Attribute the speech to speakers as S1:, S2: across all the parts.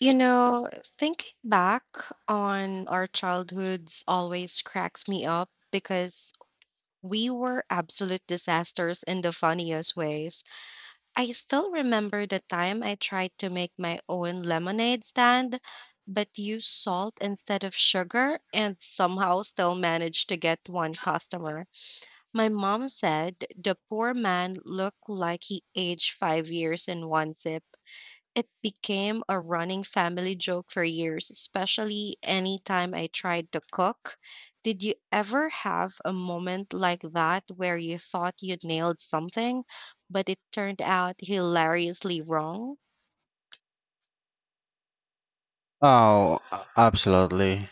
S1: You know, thinking back on our childhoods always cracks me up because we were absolute disasters in the funniest ways. I still remember the time I tried to make my own lemonade stand, but used salt instead of sugar and somehow still managed to get one customer. My mom said the poor man looked like he aged 5 years in one sip. It became a running family joke for years, especially any time I tried to cook. Did you ever have a moment like that where you thought you nailed something, but it turned out hilariously wrong?
S2: Oh, absolutely.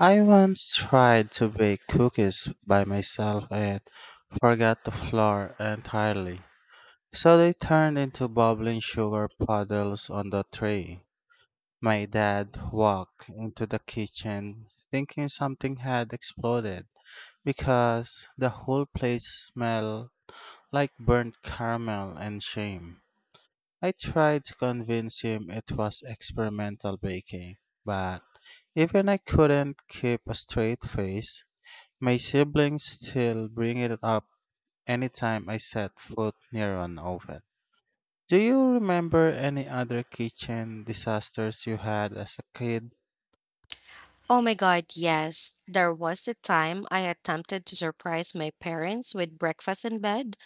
S2: I once tried to bake cookies by myself and forgot the flour entirely. So they turned into bubbling sugar puddles on the tray. My dad walked into the kitchen thinking something had exploded because the whole place smelled like burnt caramel and shame. I tried to convince him it was experimental baking, but even I couldn't keep a straight face. My siblings still bring it up anytime I set foot near an oven. Do you remember any other kitchen disasters you had as a kid?
S1: Oh my God, yes. There was a time I attempted to surprise my parents with breakfast in bed,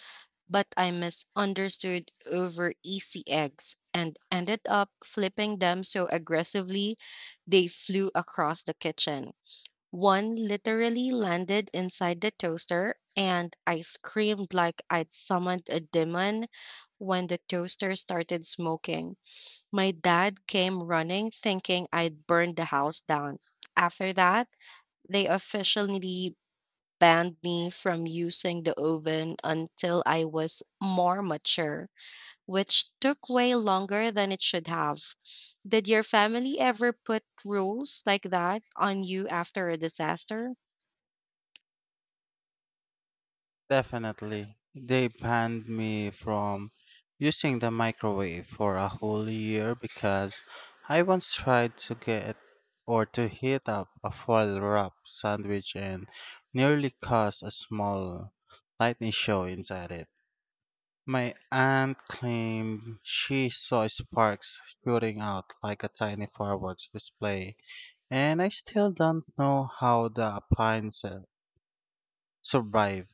S1: but I misunderstood over easy eggs and ended up flipping them so aggressively they flew across the kitchen. One literally landed inside the toaster, and I screamed like I'd summoned a demon when the toaster started smoking. My dad came running, thinking I'd burned the house down. After that, they officially banned me from using the oven until I was more mature, which took way longer than it should have. Did your family ever put rules like that on you after a disaster?
S2: Definitely. They banned me from using the microwave for a whole year because I once tried to get or to heat up a foil wrap sandwich and nearly caused a small lightning show inside it. My aunt claimed she saw sparks shooting out like a tiny fireworks display, and I still don't know how the appliance survived.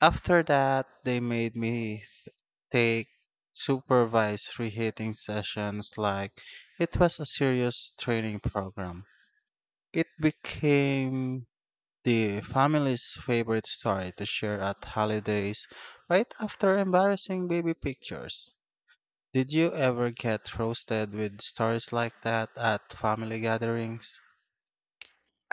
S2: After that, they made me take supervised reheating sessions like it was a serious training program. It became the family's favorite story to share at holidays right after embarrassing baby pictures. Did you ever get roasted with stories like that at family gatherings?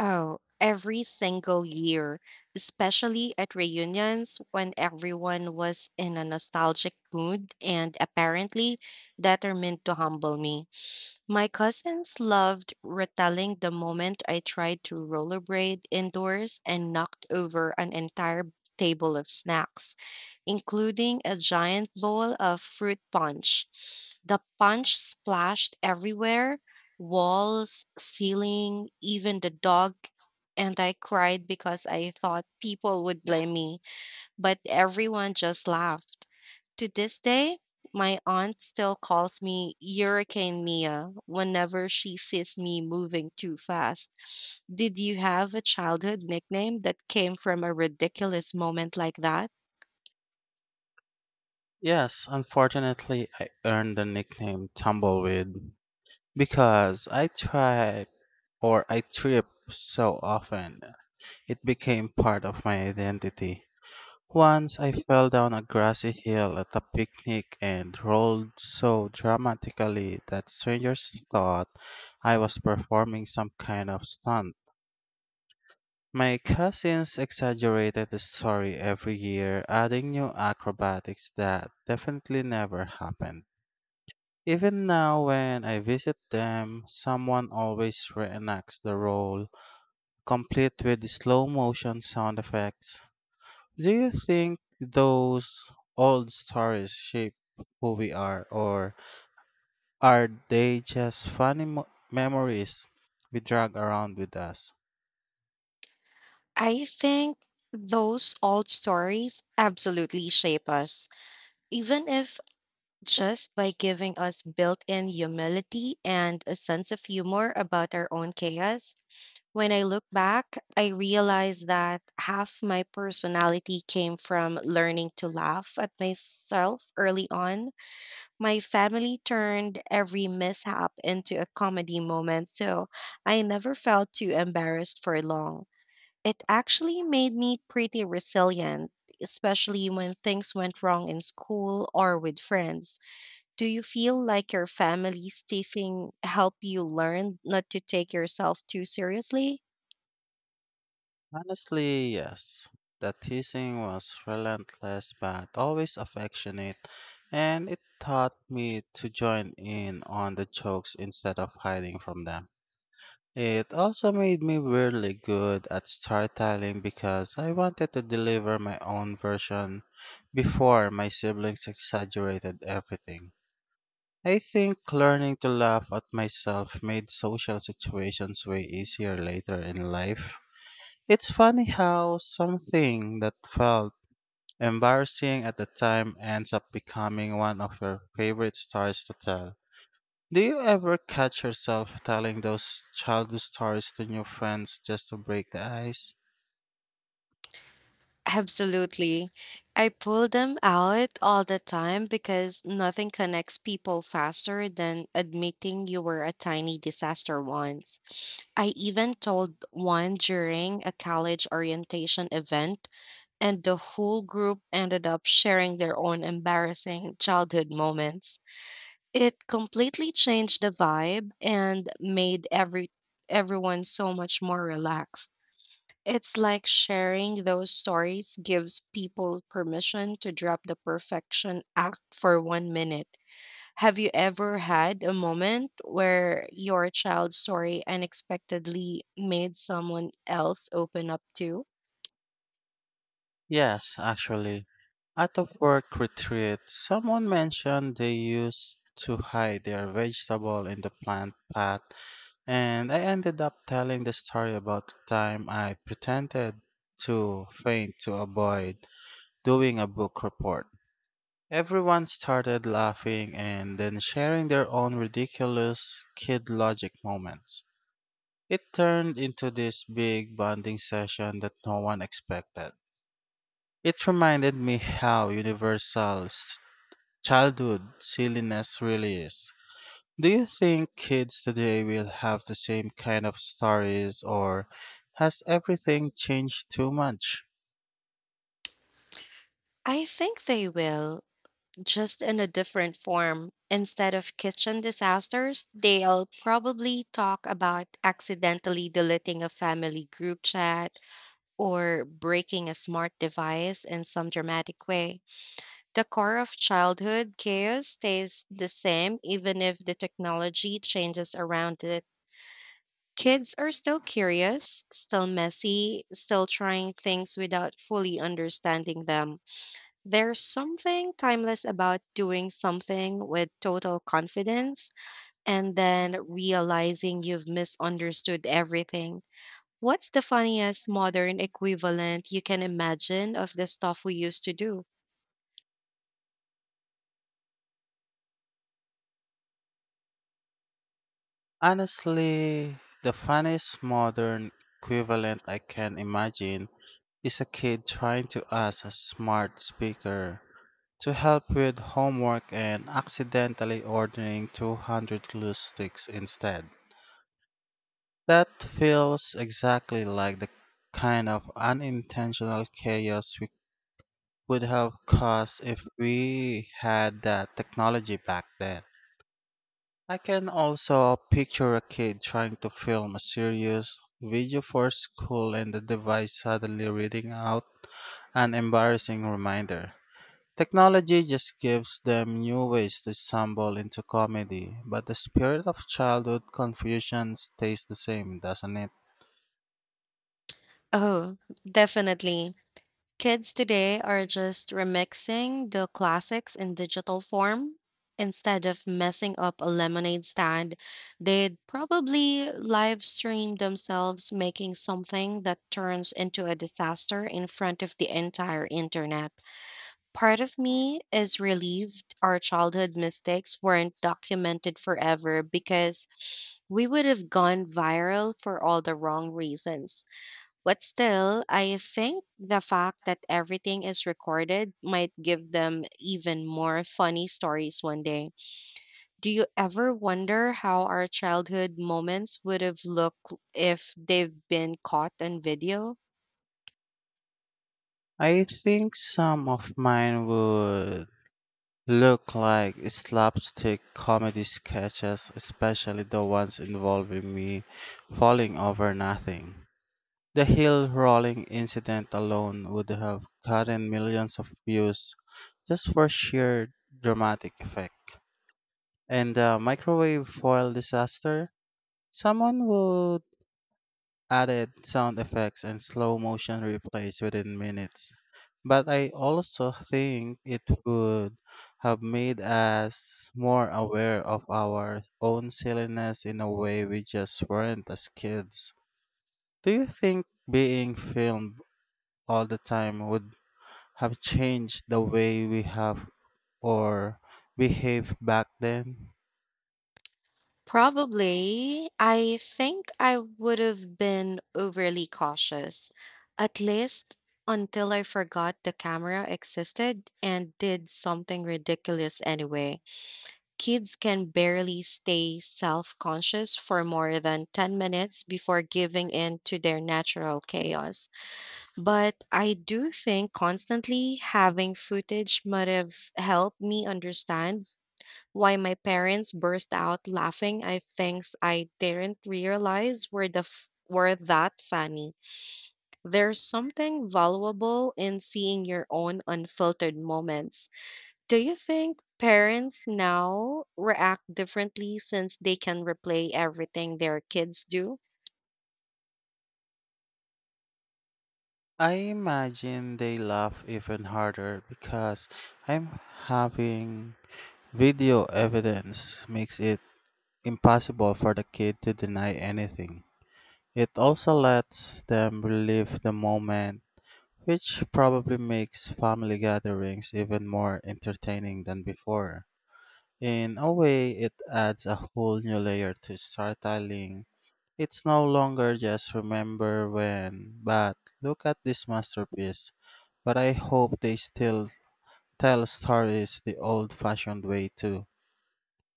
S1: Oh, every single year, especially at reunions when everyone was in a nostalgic mood and apparently determined to humble me. My cousins loved retelling the moment I tried to rollerblade indoors and knocked over an entire table of snacks, including a giant bowl of fruit punch. The punch splashed everywhere, walls, ceiling, even the dog. And I cried because I thought people would blame me, but everyone just laughed. To this day, my aunt still calls me Hurricane Mia whenever she sees me moving too fast. Did you have a childhood nickname that came from a ridiculous moment like that?
S2: Yes, unfortunately, I earned the nickname Tumbleweed because I tried or I trip so often. It became part of my identity. Once I fell down a grassy hill at a picnic and rolled so dramatically that strangers thought I was performing some kind of stunt. My cousins exaggerated the story every year, adding new acrobatics that definitely never happened. Even now, when I visit them, someone always reenacts the role, complete with slow motion sound effects. Do you think those old stories shape who we are, or are they just funny memories we drag around with us?
S1: I think those old stories absolutely shape us. Even if just by giving us built in humility and a sense of humor about our own chaos. When I look back, I realize that half my personality came from learning to laugh at myself early on. My family turned every mishap into a comedy moment, so I never felt too embarrassed for long. It actually made me pretty resilient, especially when things went wrong in school or with friends. Do you feel like your family's teasing help you learn not to take yourself too seriously?
S2: Honestly, yes. The teasing was relentless but always affectionate, and it taught me to join in on the jokes instead of hiding from them. It also made me really good at storytelling because I wanted to deliver my own version before my siblings exaggerated everything. I think learning to laugh at myself made social situations way easier later in life. It's funny how something that felt embarrassing at the time ends up becoming one of your favorite stories to tell. Do you ever catch yourself telling those childhood stories to new friends just to break the ice?
S1: Absolutely. I pull them out all the time because nothing connects people faster than admitting you were a tiny disaster once. I even told one during a college orientation event, and the whole group ended up sharing their own embarrassing childhood moments. It completely changed the vibe and made everyone so much more relaxed. It's like sharing those stories gives people permission to drop the perfection act for one minute. Have you ever had a moment where your child's story unexpectedly made someone else open up too?
S2: Yes, actually. At a work retreat, someone mentioned they used to hide their vegetable in the plant pot, and I ended up telling the story about the time I pretended to faint to avoid doing a book report. Everyone started laughing and then sharing their own ridiculous kid logic moments. It turned into this big bonding session that no one expected. It reminded me how universal childhood silliness really is. Do you think kids today will have the same kind of stories, or has everything changed too much?
S1: I think they will. Just in a different form. Instead of kitchen disasters, they'll probably talk about accidentally deleting a family group chat or breaking a smart device in some dramatic way. The core of childhood chaos stays the same, even if the technology changes around it. Kids are still curious, still messy, still trying things without fully understanding them. There's something timeless about doing something with total confidence and then realizing you've misunderstood everything. What's the funniest modern equivalent you can imagine of the stuff we used to do?
S2: Honestly, the funniest modern equivalent I can imagine is a kid trying to ask a smart speaker to help with homework and accidentally ordering 200 glue sticks instead. That feels exactly like the kind of unintentional chaos we would have caused if we had that technology back then. I can also picture a kid trying to film a serious video for school and the device suddenly reading out an embarrassing reminder. Technology just gives them new ways to stumble into comedy, but the spirit of childhood confusion stays the same, doesn't it?
S1: Oh, definitely. Kids today are just remixing the classics in digital form. Instead of messing up a lemonade stand, they'd probably live stream themselves making something that turns into a disaster in front of the entire internet. Part of me is relieved our childhood mistakes weren't documented forever because we would have gone viral for all the wrong reasons. But still, I think the fact that everything is recorded might give them even more funny stories one day. Do you ever wonder how our childhood moments would have looked if they've been caught on video?
S2: I think some of mine would look like slapstick comedy sketches, especially the ones involving me falling over nothing. The hill rolling incident alone would have gotten millions of views just for sheer dramatic effect. And the microwave foil disaster, someone would added sound effects and slow motion replays within minutes. But I also think it would have made us more aware of our own silliness in a way we just weren't as kids. Do you think being filmed all the time would have changed the way we have or behave back then?
S1: Probably. I think I would have been overly cautious, at least until I forgot the camera existed and did something ridiculous anyway. Kids can barely stay self conscious for more than 10 minutes before giving in to their natural chaos. But I do think constantly having footage might have helped me understand why my parents burst out laughing at things I didn't realize were that funny. There's something valuable in seeing your own unfiltered moments. Do you think parents now react differently since they can replay everything their kids do?
S2: I imagine they laugh even harder because I'm having video evidence makes it impossible for the kid to deny anything. It also lets them relive the moment, which probably makes family gatherings even more entertaining than before. In a way, it adds a whole new layer to storytelling. It's no longer just remember when, but look at this masterpiece. But I hope they still tell stories the old fashioned way too.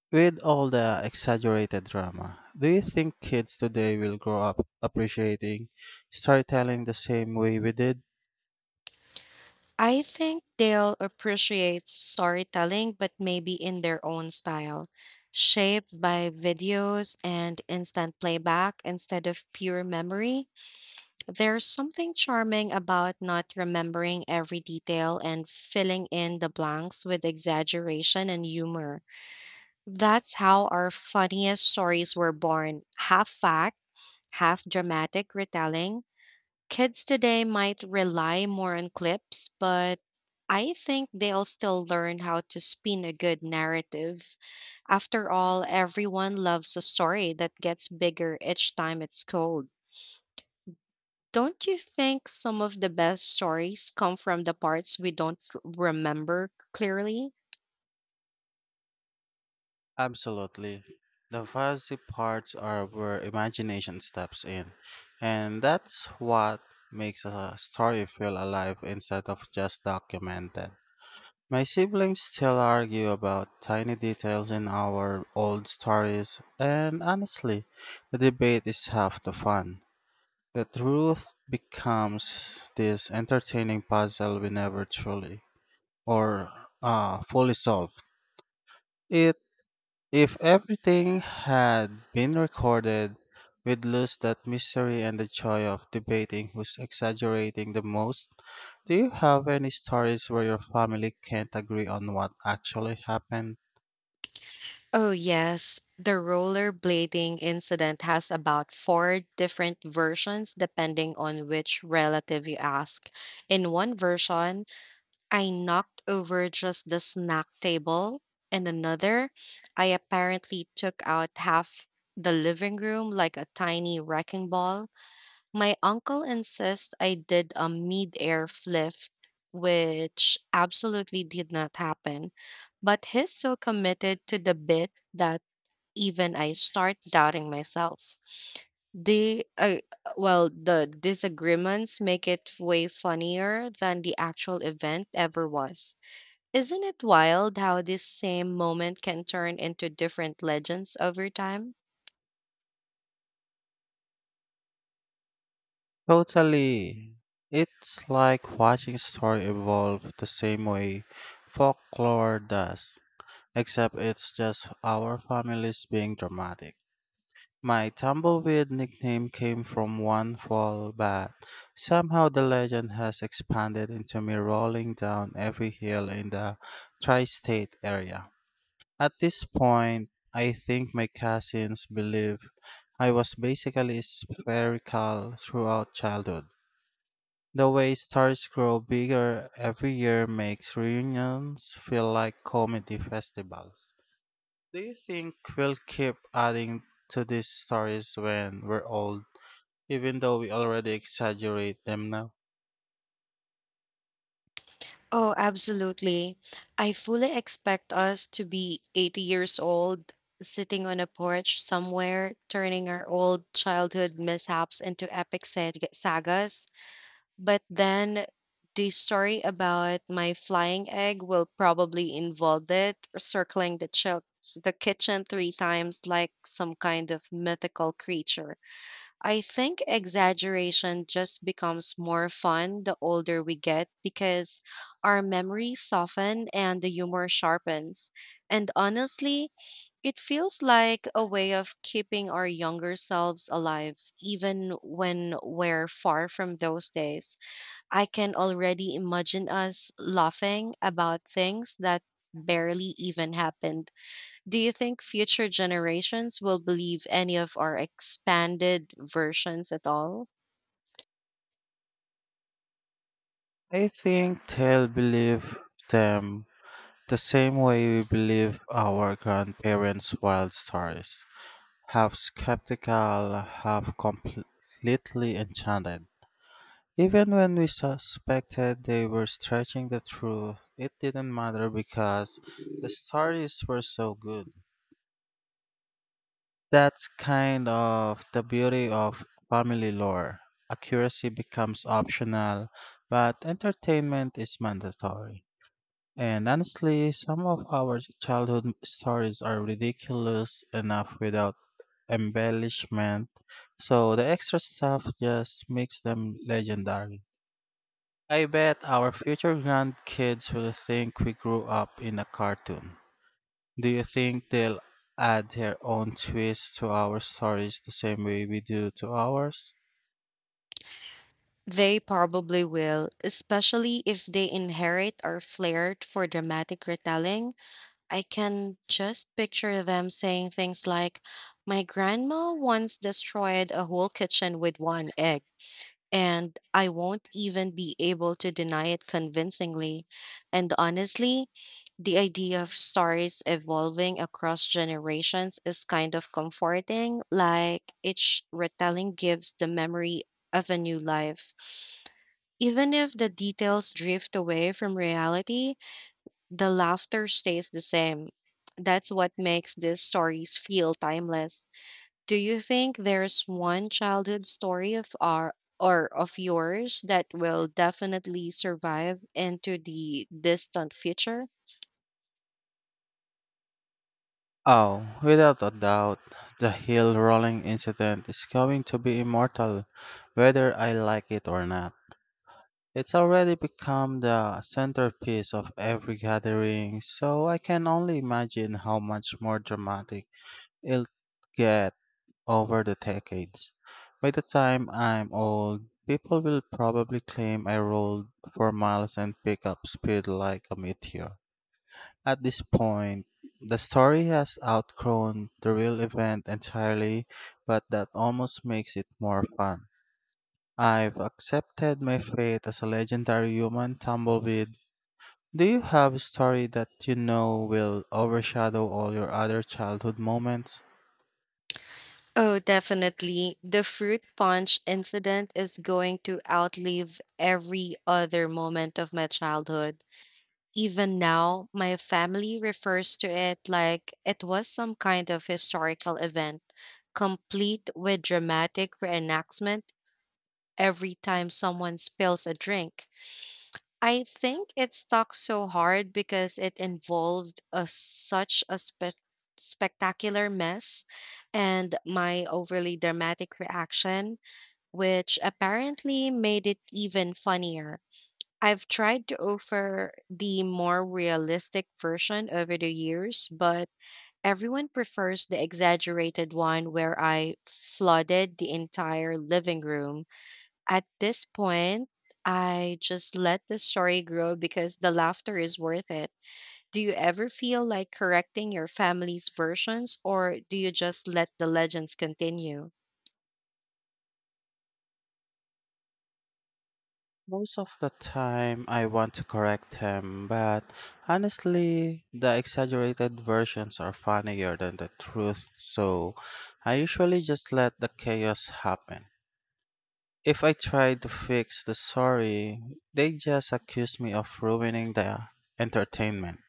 S2: With all the exaggerated drama, do you think kids today will grow up appreciating storytelling the same way we did?
S1: I think they'll appreciate storytelling, but maybe in their own style, shaped by videos and instant playback instead of pure memory. There's something charming about not remembering every detail and filling in the blanks with exaggeration and humor. That's how our funniest stories were born, half fact, half dramatic retelling. Kids today might rely more on clips, but I think they'll still learn how to spin a good narrative. After all, everyone loves a story that gets bigger each time it's told. Don't you think some of the best stories come from the parts we don't remember clearly?
S2: Absolutely. The fuzzy parts are where imagination steps in, and that's what makes a story feel alive instead of just documented. My siblings still argue about tiny details in our old stories, and honestly, the debate is half the fun. The truth becomes this entertaining puzzle we never truly or fully solved. It If everything had been recorded, we'd lose that mystery and the joy of debating who's exaggerating the most. Do you have any stories where your family can't agree on what actually happened?
S1: Oh, yes. The rollerblading incident has about four different versions depending on which relative you ask. In one version, I knocked over just the snack table. In another, I apparently took out half the living room like a tiny wrecking ball. My uncle insists I did a mid-air flip, which absolutely did not happen, but he's so committed to the bit that even I start doubting myself. The Well, the disagreements make it way funnier than the actual event ever was. Isn't it wild how this same moment can turn into different legends over time?
S2: Totally. It's like watching story evolve the same way folklore does, except it's just our families being dramatic. My tumbleweed nickname came from one fall, but somehow the legend has expanded into me rolling down every hill in the tri state area. At this point, I think my cousins believe I was basically spherical throughout childhood. The way stars grow bigger every year makes reunions feel like comedy festivals. Do you think we'll keep adding to these stories when we're old, even though we already exaggerate them now?
S1: Oh, absolutely. I fully expect us to be 80 years old, sitting on a porch somewhere, turning our old childhood mishaps into epic sagas. But then the story about my flying egg will probably involve it circling the the kitchen 3 times like some kind of mythical creature. I think exaggeration just becomes more fun the older we get because our memories soften and the humor sharpens. And honestly, it feels like a way of keeping our younger selves alive, even when we're far from those days. I can already imagine us laughing about things that barely even happened. Do you think future generations will believe any of our expanded versions at all?
S2: I think they'll believe them the same way we believe our grandparents' wild stories, half skeptical, half completely enchanted. Even when we suspected they were stretching the truth, it didn't matter because the stories were so good. That's kind of the beauty of family lore. Accuracy becomes optional, but entertainment is mandatory. And honestly, some of our childhood stories are ridiculous enough without embellishment, so the extra stuff just makes them legendary. I bet our future grandkids will think we grew up in a cartoon. Do you think they'll add their own twist to our stories the same way we do to ours?
S1: They probably will, especially if they inherit our flair for dramatic retelling. I can just picture them saying things like, "My grandma once destroyed a whole kitchen with one egg," and I won't even be able to deny it convincingly. And honestly, the idea of stories evolving across generations is kind of comforting, like each retelling gives the memory of a new life. Even if the details drift away from reality, the laughter stays the same. That's what makes these stories feel timeless. Do you think there's one childhood story of our or of yours that will definitely survive into the distant future?
S2: Oh, without a doubt, the hill rolling incident is going to be immortal, whether I like it or not. It's already become the centerpiece of every gathering, so I can only imagine how much more dramatic it'll get over the decades. By the time I'm old, people will probably claim I rolled for miles and pick up speed like a meteor. At this point, the story has outgrown the real event entirely, but that almost makes it more fun. I've accepted my fate as a legendary human tumbleweed. Do you have a story that you know will overshadow all your other childhood moments?
S1: Oh, definitely. The fruit punch incident is going to outlive every other moment of my childhood. Even now, my family refers to it like it was some kind of historical event, complete with dramatic reenactment every time someone spills a drink. I think it stuck so hard because it involved such a spectacular mess and my overly dramatic reaction, which apparently made it even funnier. I've tried to offer the more realistic version over the years, but everyone prefers the exaggerated one where I flooded the entire living room. At this point, I just let the story grow because the laughter is worth it. Do you ever feel like correcting your family's versions, or do you just let the legends continue?
S2: Most of the time, I want to correct him, but honestly, the exaggerated versions are funnier than the truth, so I usually just let the chaos happen. If I try to fix the story, they just accuse me of ruining the entertainment.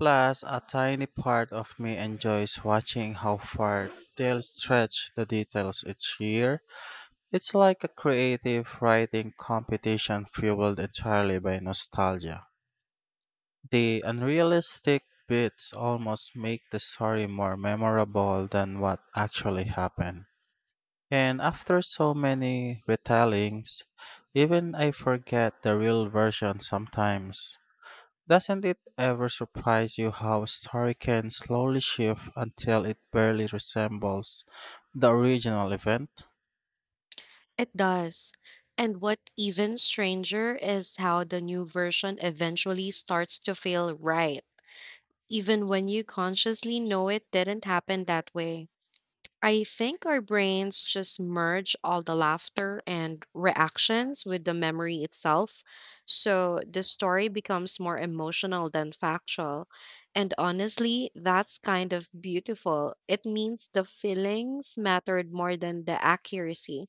S2: Plus, a tiny part of me enjoys watching how far they'll stretch the details each year. It's like a creative writing competition fueled entirely by nostalgia. The unrealistic bits almost make the story more memorable than what actually happened. And after so many retellings, even I forget the real version sometimes. Doesn't it ever surprise you how a story can slowly shift until it barely resembles the original event?
S1: It does. And what even stranger is how the new version eventually starts to feel right, even when you consciously know it didn't happen that way. I think our brains just merge all the laughter and reactions with the memory itself. So the story becomes more emotional than factual. And honestly, that's kind of beautiful. It means the feelings mattered more than the accuracy.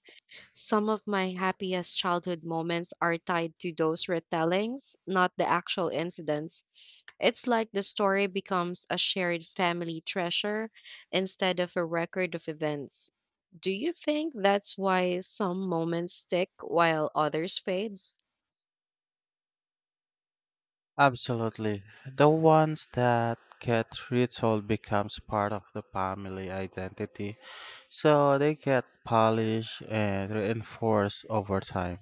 S1: Some of my happiest childhood moments are tied to those retellings, not the actual incidents. It's like the story becomes a shared family treasure instead of a record of events. Do you think that's why some moments stick while others fade?
S2: Absolutely. The ones that get retold becomes part of the family identity, so they get polished and reinforced over time.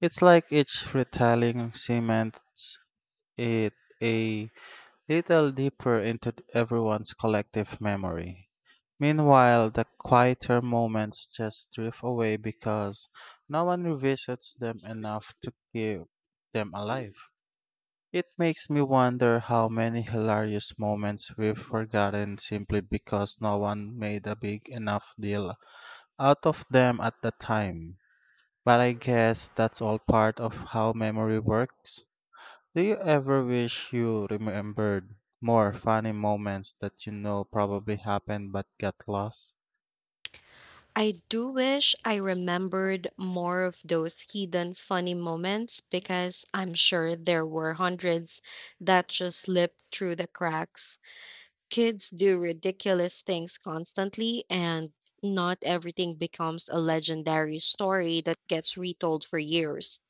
S2: It's like each retelling cements it a little deeper into everyone's collective memory. Meanwhile, the quieter moments just drift away because no one revisits them enough to keep them alive. It makes me wonder how many hilarious moments we've forgotten simply because no one made a big enough deal out of them at the time. But I guess that's all part of how memory works. Do you ever wish you remembered more funny moments that you know probably happened but got lost?
S1: I do wish I remembered more of those hidden funny moments because I'm sure there were hundreds that just slipped through the cracks. Kids do ridiculous things constantly and not everything becomes a legendary story that gets retold for years.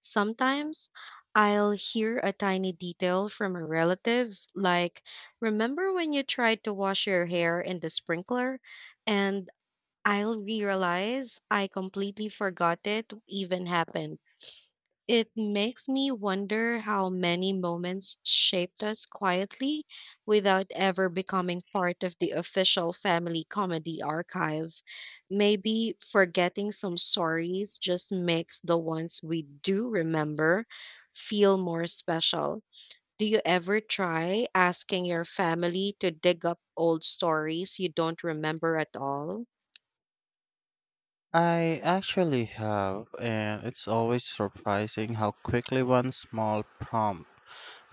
S1: Sometimes I'll hear a tiny detail from a relative, like, "Remember when you tried to wash your hair in the sprinkler?" And I'll realize I completely forgot it even happened. It makes me wonder how many moments shaped us quietly without ever becoming part of the official family comedy archive. Maybe forgetting some stories just makes the ones we do remember feel more special. Do you ever try asking your family to dig up old stories you don't remember at all?
S2: I actually have, and it's always surprising how quickly one small prompt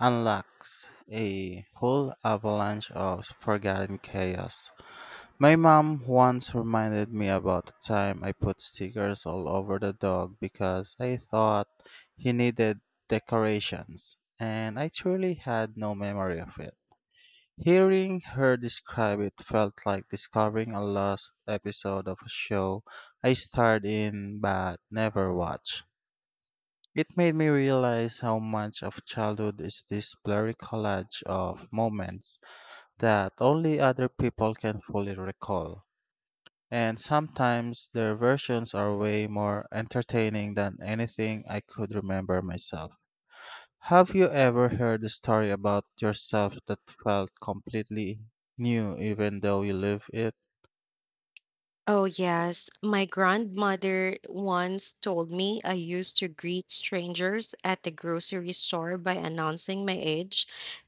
S2: unlocks a whole avalanche of forgotten chaos. My mom once reminded me about the time I put stickers all over the dog because I thought he needed decorations, and I truly had no memory of it. Hearing her describe it felt like discovering a lost episode of a show I starred in but never watched. It made me realize how much of childhood is this blurry collage of moments that only other people can fully recall. And sometimes their versions are way more entertaining than anything I could remember myself. Have you ever heard a story about yourself that felt completely new even though you live it?
S1: Oh, yes. My grandmother once told me I used to greet strangers at the grocery store by announcing my age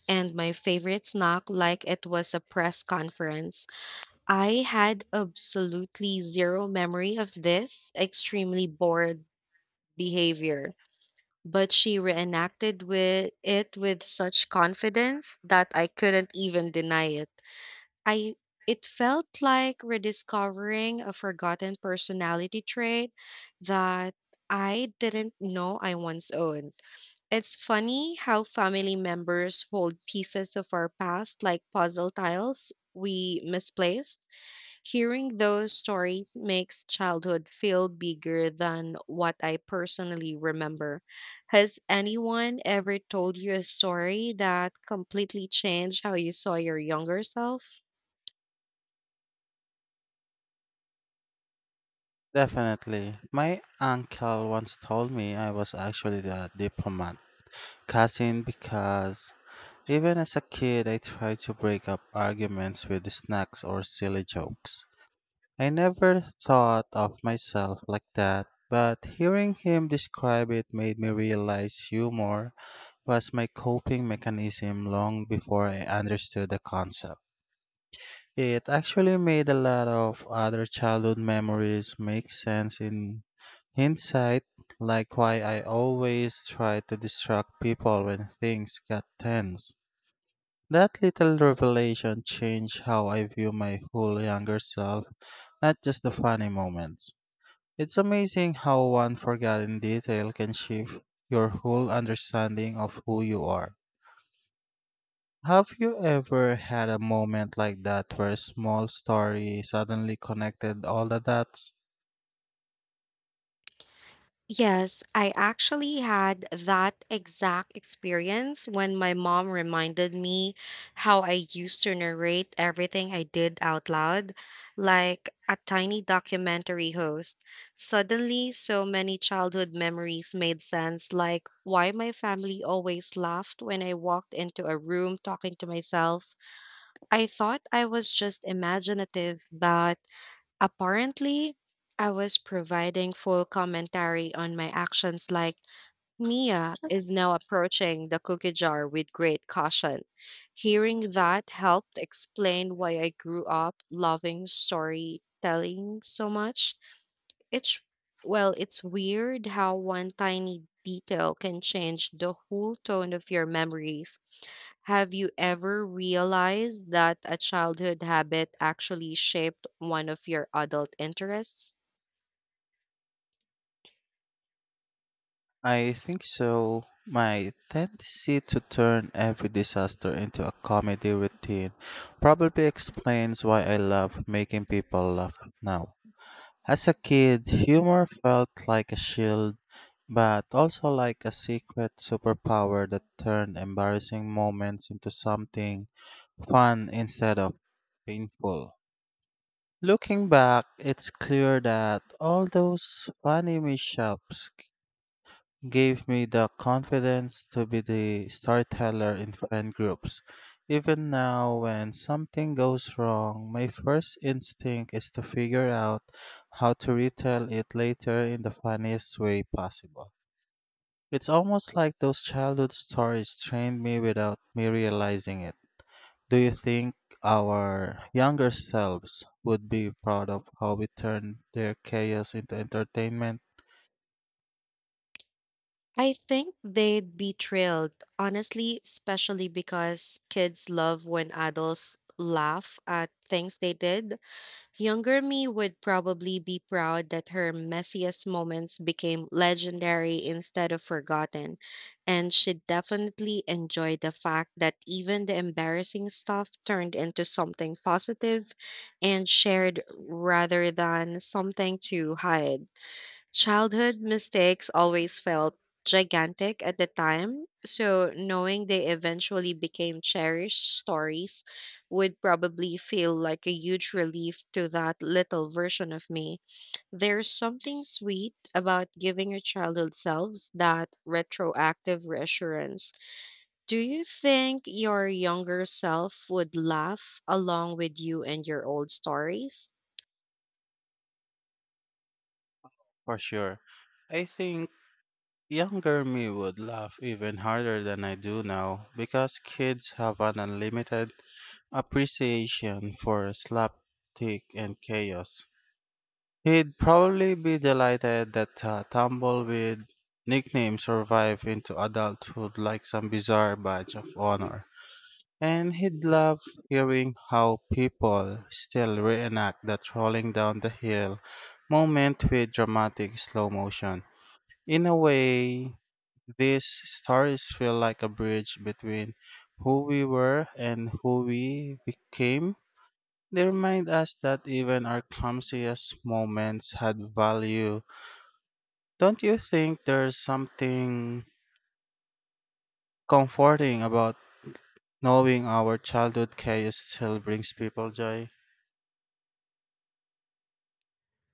S1: and my favorite snack like it was a press conference. I had absolutely zero memory of this extremely bored behavior, but she reenacted with it with such confidence that I couldn't even deny it. I It felt like rediscovering a forgotten personality trait that I didn't know I once owned. It's funny how family members hold pieces of our past like puzzle tiles we misplaced. Hearing those stories makes childhood feel bigger than what I personally remember. Has anyone ever told you a story that completely changed how you saw your younger self?
S2: Definitely. My uncle once told me I was actually a diplomat cousin because even as a kid, I tried to break up arguments with snacks or silly jokes. I never thought of myself like that, but hearing him describe it made me realize humor was my coping mechanism long before I understood the concept. It actually made a lot of other childhood memories make sense in hindsight, like why I always tried to distract people when things got tense. That little revelation changed how I view my whole younger self, not just the funny moments. It's amazing how one forgotten detail can shift your whole understanding of who you are. Have you ever had a moment like that where a small story suddenly connected all the dots?
S1: Yes, I actually had that exact experience when my mom reminded me how I used to narrate everything I did out loud, like a tiny documentary host. Suddenly, so many childhood memories made sense, like why my family always laughed when I walked into a room talking to myself. I thought I was just imaginative, but apparently, I was providing full commentary on my actions, like, Mia is now approaching the cookie jar with great caution. Hearing that helped explain why I grew up loving storytelling so much. It's, well, it's weird how one tiny detail can change the whole tone of your memories. Have you ever realized that a childhood habit actually shaped one of your adult interests?
S2: I think so. My tendency to turn every disaster into a comedy routine probably explains why I love making people laugh now. As a kid, humor felt like a shield, but also like a secret superpower that turned embarrassing moments into something fun instead of painful. Looking back, it's clear that all those funny mishaps gave me the confidence to be the storyteller in friend groups. Even now, when something goes wrong, my first instinct is to figure out how to retell it later in the funniest way possible. It's almost like those childhood stories trained me without me realizing it. Do you think our younger selves would be proud of how we turned their chaos into entertainment?
S1: I think they'd be thrilled, honestly, especially because kids love when adults laugh at things they did. Younger me would probably be proud that her messiest moments became legendary instead of forgotten, and she'd definitely enjoy the fact that even the embarrassing stuff turned into something positive and shared rather than something to hide. Childhood mistakes always felt gigantic at the time, so knowing they eventually became cherished stories would probably feel like a huge relief to that little version of me. There's something sweet about giving your childhood selves that retroactive reassurance. Do you think your younger self would laugh along with you and your old stories?
S2: For sure. I think younger me would laugh even harder than I do now because kids have an unlimited appreciation for slapstick and chaos. He'd probably be delighted that Tumbleweed nickname survived into adulthood like some bizarre badge of honor. And he'd love hearing how people still reenact that rolling down the hill moment with dramatic slow motion. In a way, these stories feel like a bridge between who we were and who we became. They remind us that even our clumsiest moments had value. Don't you think there's something comforting about knowing our childhood chaos still brings people joy?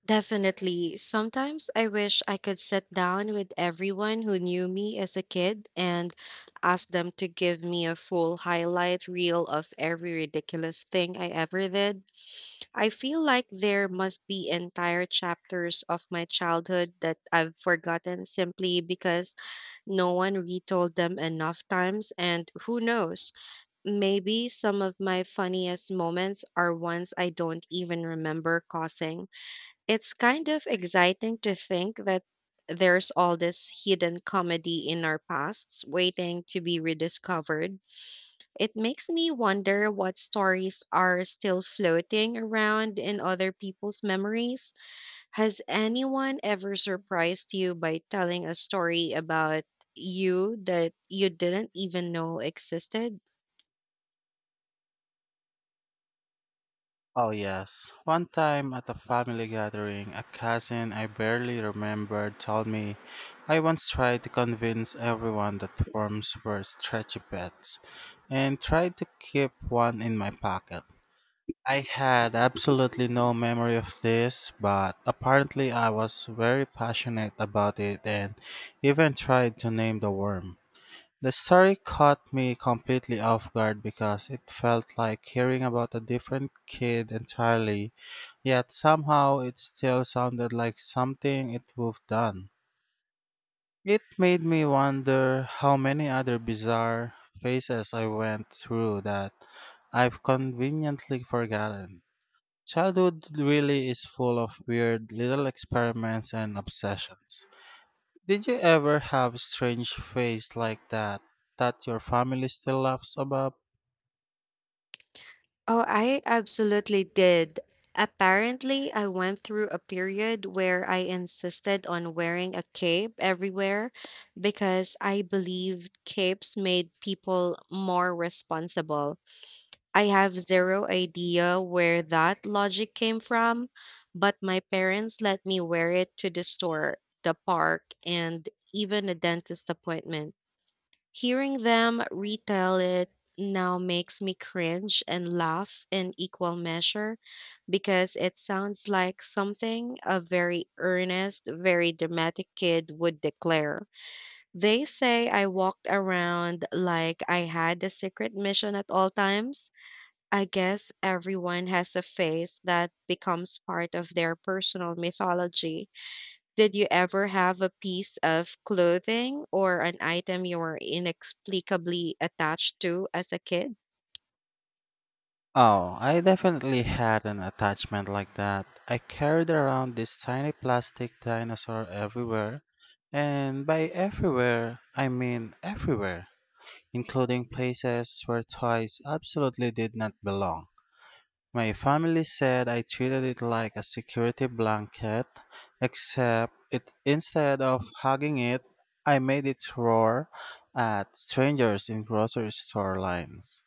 S1: Definitely. Sometimes I wish I could sit down with everyone who knew me as a kid and ask them to give me a full highlight reel of every ridiculous thing I ever did. I feel like there must be entire chapters of my childhood that I've forgotten simply because no one retold them enough times, and who knows? Maybe some of my funniest moments are ones I don't even remember causing. It's kind of exciting to think that there's all this hidden comedy in our pasts waiting to be rediscovered. It makes me wonder what stories are still floating around in other people's memories. Has anyone ever surprised you by telling a story about you that you didn't even know existed?
S2: Oh, yes. One time at a family gathering, a cousin I barely remembered told me I once tried to convince everyone that worms were stretchy pets and tried to keep one in my pocket. I had absolutely no memory of this, but apparently I was very passionate about it and even tried to name the worm. The story caught me completely off guard because it felt like hearing about a different kid entirely. Yet somehow it still sounded like something it would've done. It made me wonder how many other bizarre phases I went through that I've conveniently forgotten. Childhood really is full of weird little experiments and obsessions. Did you ever have strange phase like that that your family still laughs about?
S1: Oh, I absolutely did. Apparently, I went through a period where I insisted on wearing a cape everywhere because I believed capes made people more responsible. I have zero idea where that logic came from, but my parents let me wear it to the store, the park, and even a dentist appointment. Hearing them retell it now makes me cringe and laugh in equal measure because it sounds like something a very earnest, very dramatic kid would declare. They say I walked around like I had a secret mission at all times. I guess everyone has a phase that becomes part of their personal mythology. Did you ever have a piece of clothing or an item you were inexplicably attached to as a kid?
S2: Oh, I definitely had an attachment like that. I carried around this tiny plastic dinosaur everywhere, and by everywhere, I mean everywhere, including places where toys absolutely did not belong. My family said I treated it like a security blanket, except it, instead of hugging it, I made it roar at strangers in grocery store lines.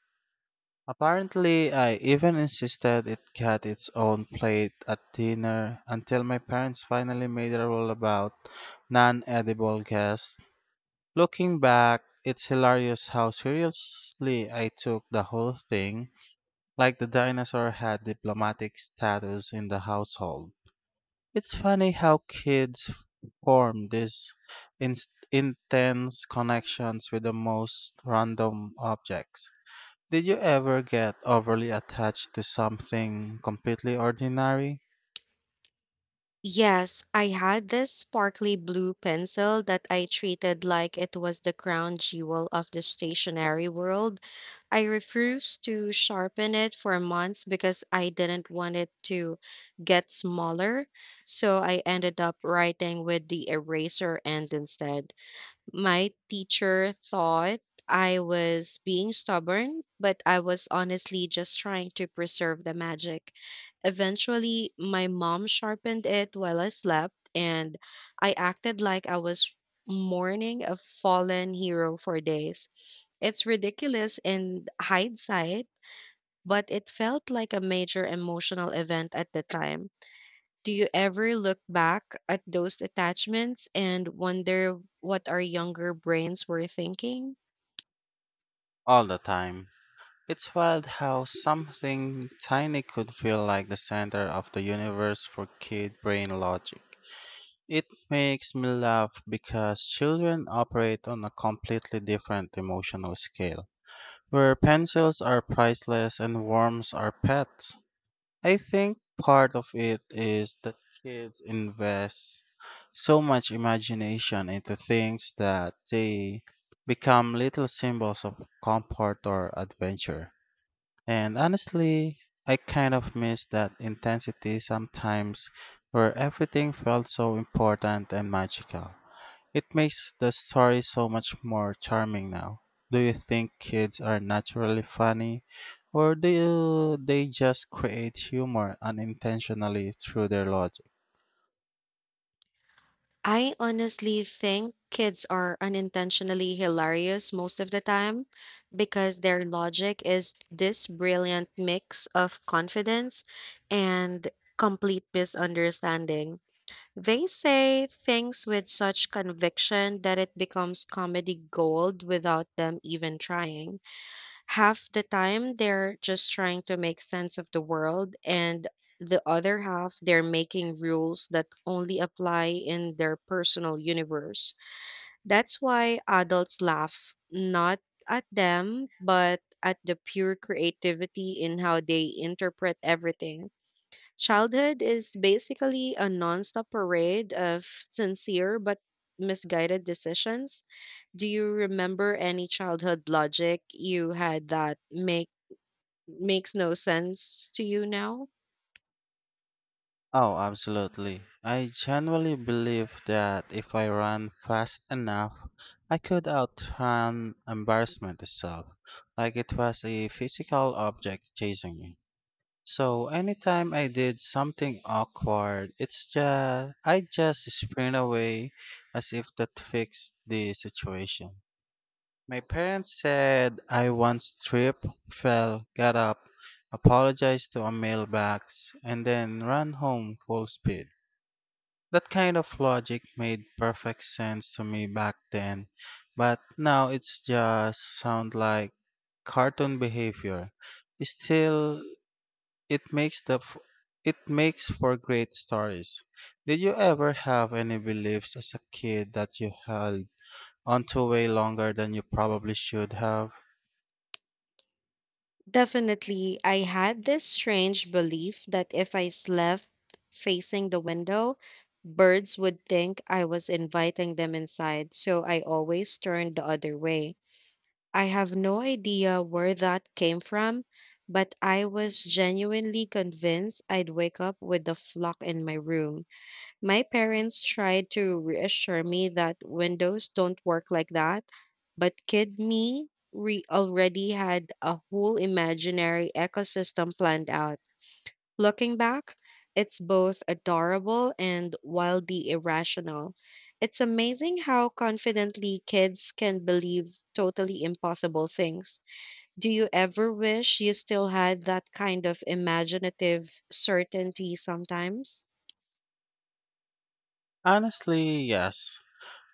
S2: Apparently, I even insisted it got its own plate at dinner until my parents finally made a rule about non edible guests. Looking back, it's hilarious how seriously I took the whole thing, like the dinosaur had diplomatic status in the household. It's funny how kids form these ins intense connections with the most random objects. Did you ever get overly attached to something completely ordinary?
S1: Yes, I had this sparkly blue pencil that I treated like it was the crown jewel of the stationery world. I refused to sharpen it for months because I didn't want it to get smaller. So I ended up writing with the eraser end instead. My teacher thought I was being stubborn, but I was honestly just trying to preserve the magic. Eventually, my mom sharpened it while I slept, and I acted like I was mourning a fallen hero for days. It's ridiculous in hindsight, but it felt like a major emotional event at the time. Do you ever look back at those attachments and wonder what our younger brains were thinking?
S2: All the time. It's wild how something tiny could feel like the center of the universe for kid brain logic. It makes me laugh because children operate on a completely different emotional scale, where pencils are priceless and worms are pets. I think part of it is that kids invest so much imagination into things that they become little symbols of comfort or adventure. And honestly, I kind of miss that intensity sometimes where everything felt so important and magical. It makes the story so much more charming now. Do you think kids are naturally funny, or they just create humor unintentionally through their logic?
S1: I honestly think kids are unintentionally hilarious most of the time because their logic is this brilliant mix of confidence and complete misunderstanding. They say things with such conviction that it becomes comedy gold without them even trying. Half the time, they're just trying to make sense of the world, and the other half, they're making rules that only apply in their personal universe. That's why adults laugh, not at them, but at the pure creativity in how they interpret everything. Childhood is basically a nonstop parade of sincere but misguided decisions. Do you remember any childhood logic you had that makes no sense to you now?
S2: Oh, absolutely. I genuinely believe that if I run fast enough, I could outrun embarrassment itself, like it was a physical object chasing me. So anytime I did something awkward, it's just I just sprint away as if that fixed the situation. My parents said I once tripped, fell, got up, apologized to a mailbox, and then ran home full speed. That kind of logic made perfect sense to me back then, but now it's just sound like cartoon behavior. Still, it makes the f- it makes for great stories. Did you ever have any beliefs as a kid that you held onto way longer than you probably should have?
S1: Definitely, I had this strange belief that if I slept facing the window, birds would think I was inviting them inside, so I always turned the other way. I have no idea where that came from, but I was genuinely convinced I'd wake up with the flock in my room. My parents tried to reassure me that windows don't work like that, but kid me already had a whole imaginary ecosystem planned out. Looking back, it's both adorable and wildly irrational. It's amazing how confidently kids can believe totally impossible things. Do you ever wish you still had that kind of imaginative certainty sometimes?
S2: Honestly, yes.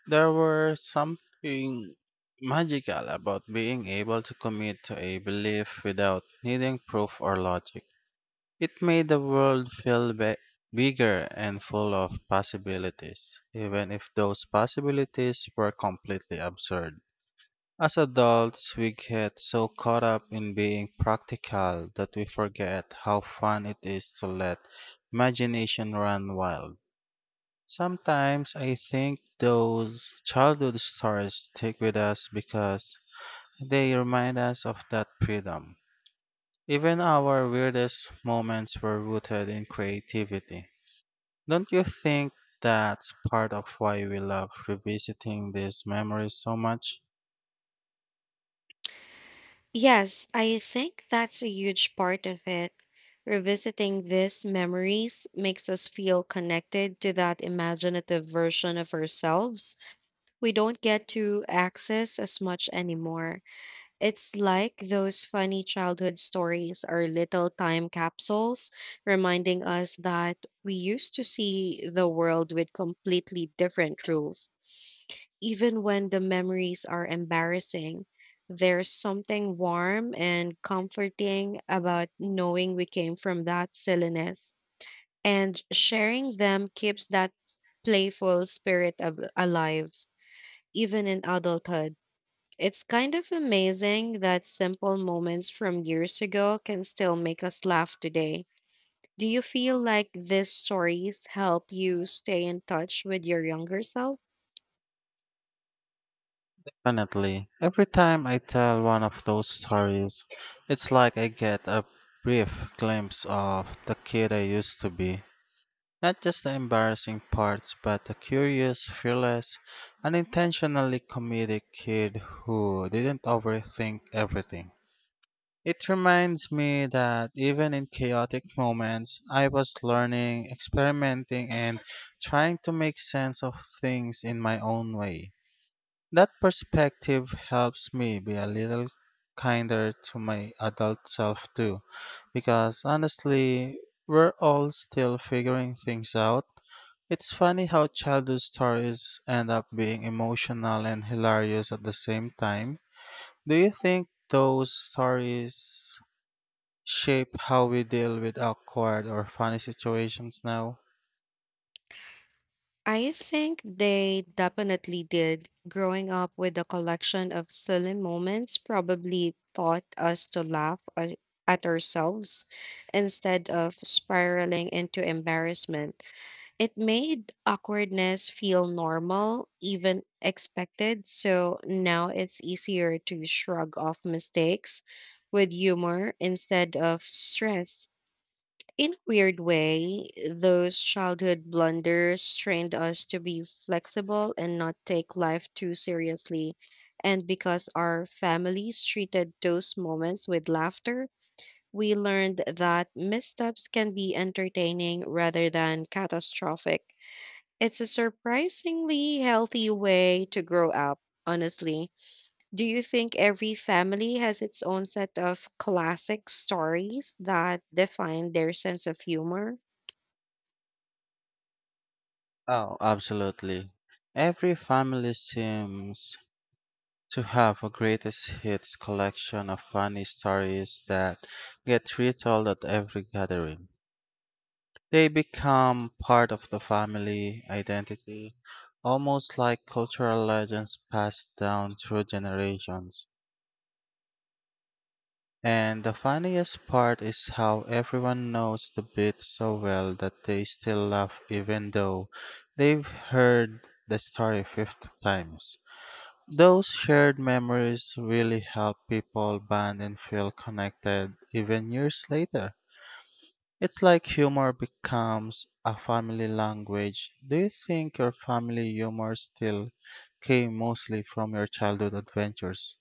S2: There were something magical about being able to commit to a belief without needing proof or logic. It made the world feel bigger and full of possibilities, even if those possibilities were completely absurd. As adults, we get so caught up in being practical that we forget how fun it is to let imagination run wild. Sometimes I think those childhood stories stick with us because they remind us of that freedom. Even our weirdest moments were rooted in creativity. Don't you think that's part of why we love revisiting these memories so much?
S1: Yes, I think that's a huge part of it. Revisiting these memories makes us feel connected to that imaginative version of ourselves we don't get to access as much anymore. It's like those funny childhood stories are little time capsules reminding us that we used to see the world with completely different rules. Even when the memories are embarrassing, there's something warm and comforting about knowing we came from that silliness. And sharing them keeps that playful spirit of alive, even in adulthood. It's kind of amazing that simple moments from years ago can still make us laugh today. Do you feel like these stories help you stay in touch with your younger self?
S2: Definitely. Every time I tell one of those stories, it's like I get a brief glimpse of the kid I used to be. Not just the embarrassing parts, but the curious, fearless, unintentionally comedic kid who didn't overthink everything. It reminds me that even in chaotic moments, I was learning, experimenting, and trying to make sense of things in my own way. That perspective helps me be a little kinder to my adult self too, because honestly, we're all still figuring things out. It's funny how childhood stories end up being emotional and hilarious at the same time. Do you think those stories shape how we deal with awkward or funny situations now?
S1: I think they definitely did. Growing up with a collection of silly moments probably taught us to at ourselves instead of spiraling into embarrassment. It made awkwardness feel normal, even expected, so now it's easier to shrug off mistakes with humor instead of stress. In a weird way, those childhood blunders trained us to be flexible and not take life too seriously. And because our families treated those moments with laughter, we learned that missteps can be entertaining rather than catastrophic. It's a surprisingly healthy way to grow up, honestly. Do you think every family has its own set of classic stories that define their sense of humor?
S2: Oh, absolutely. Every family seems to have a greatest hits collection of funny stories that get retold at every gathering. They become part of the family identity, almost like cultural legends passed down through generations. And the funniest part is how everyone knows the bit so well that they still laugh even though they've heard the story 50 times. Those shared memories really help people bond and feel connected even years later. It's like humor becomes a family language. Do you think your family humor still came mostly from your childhood adventures?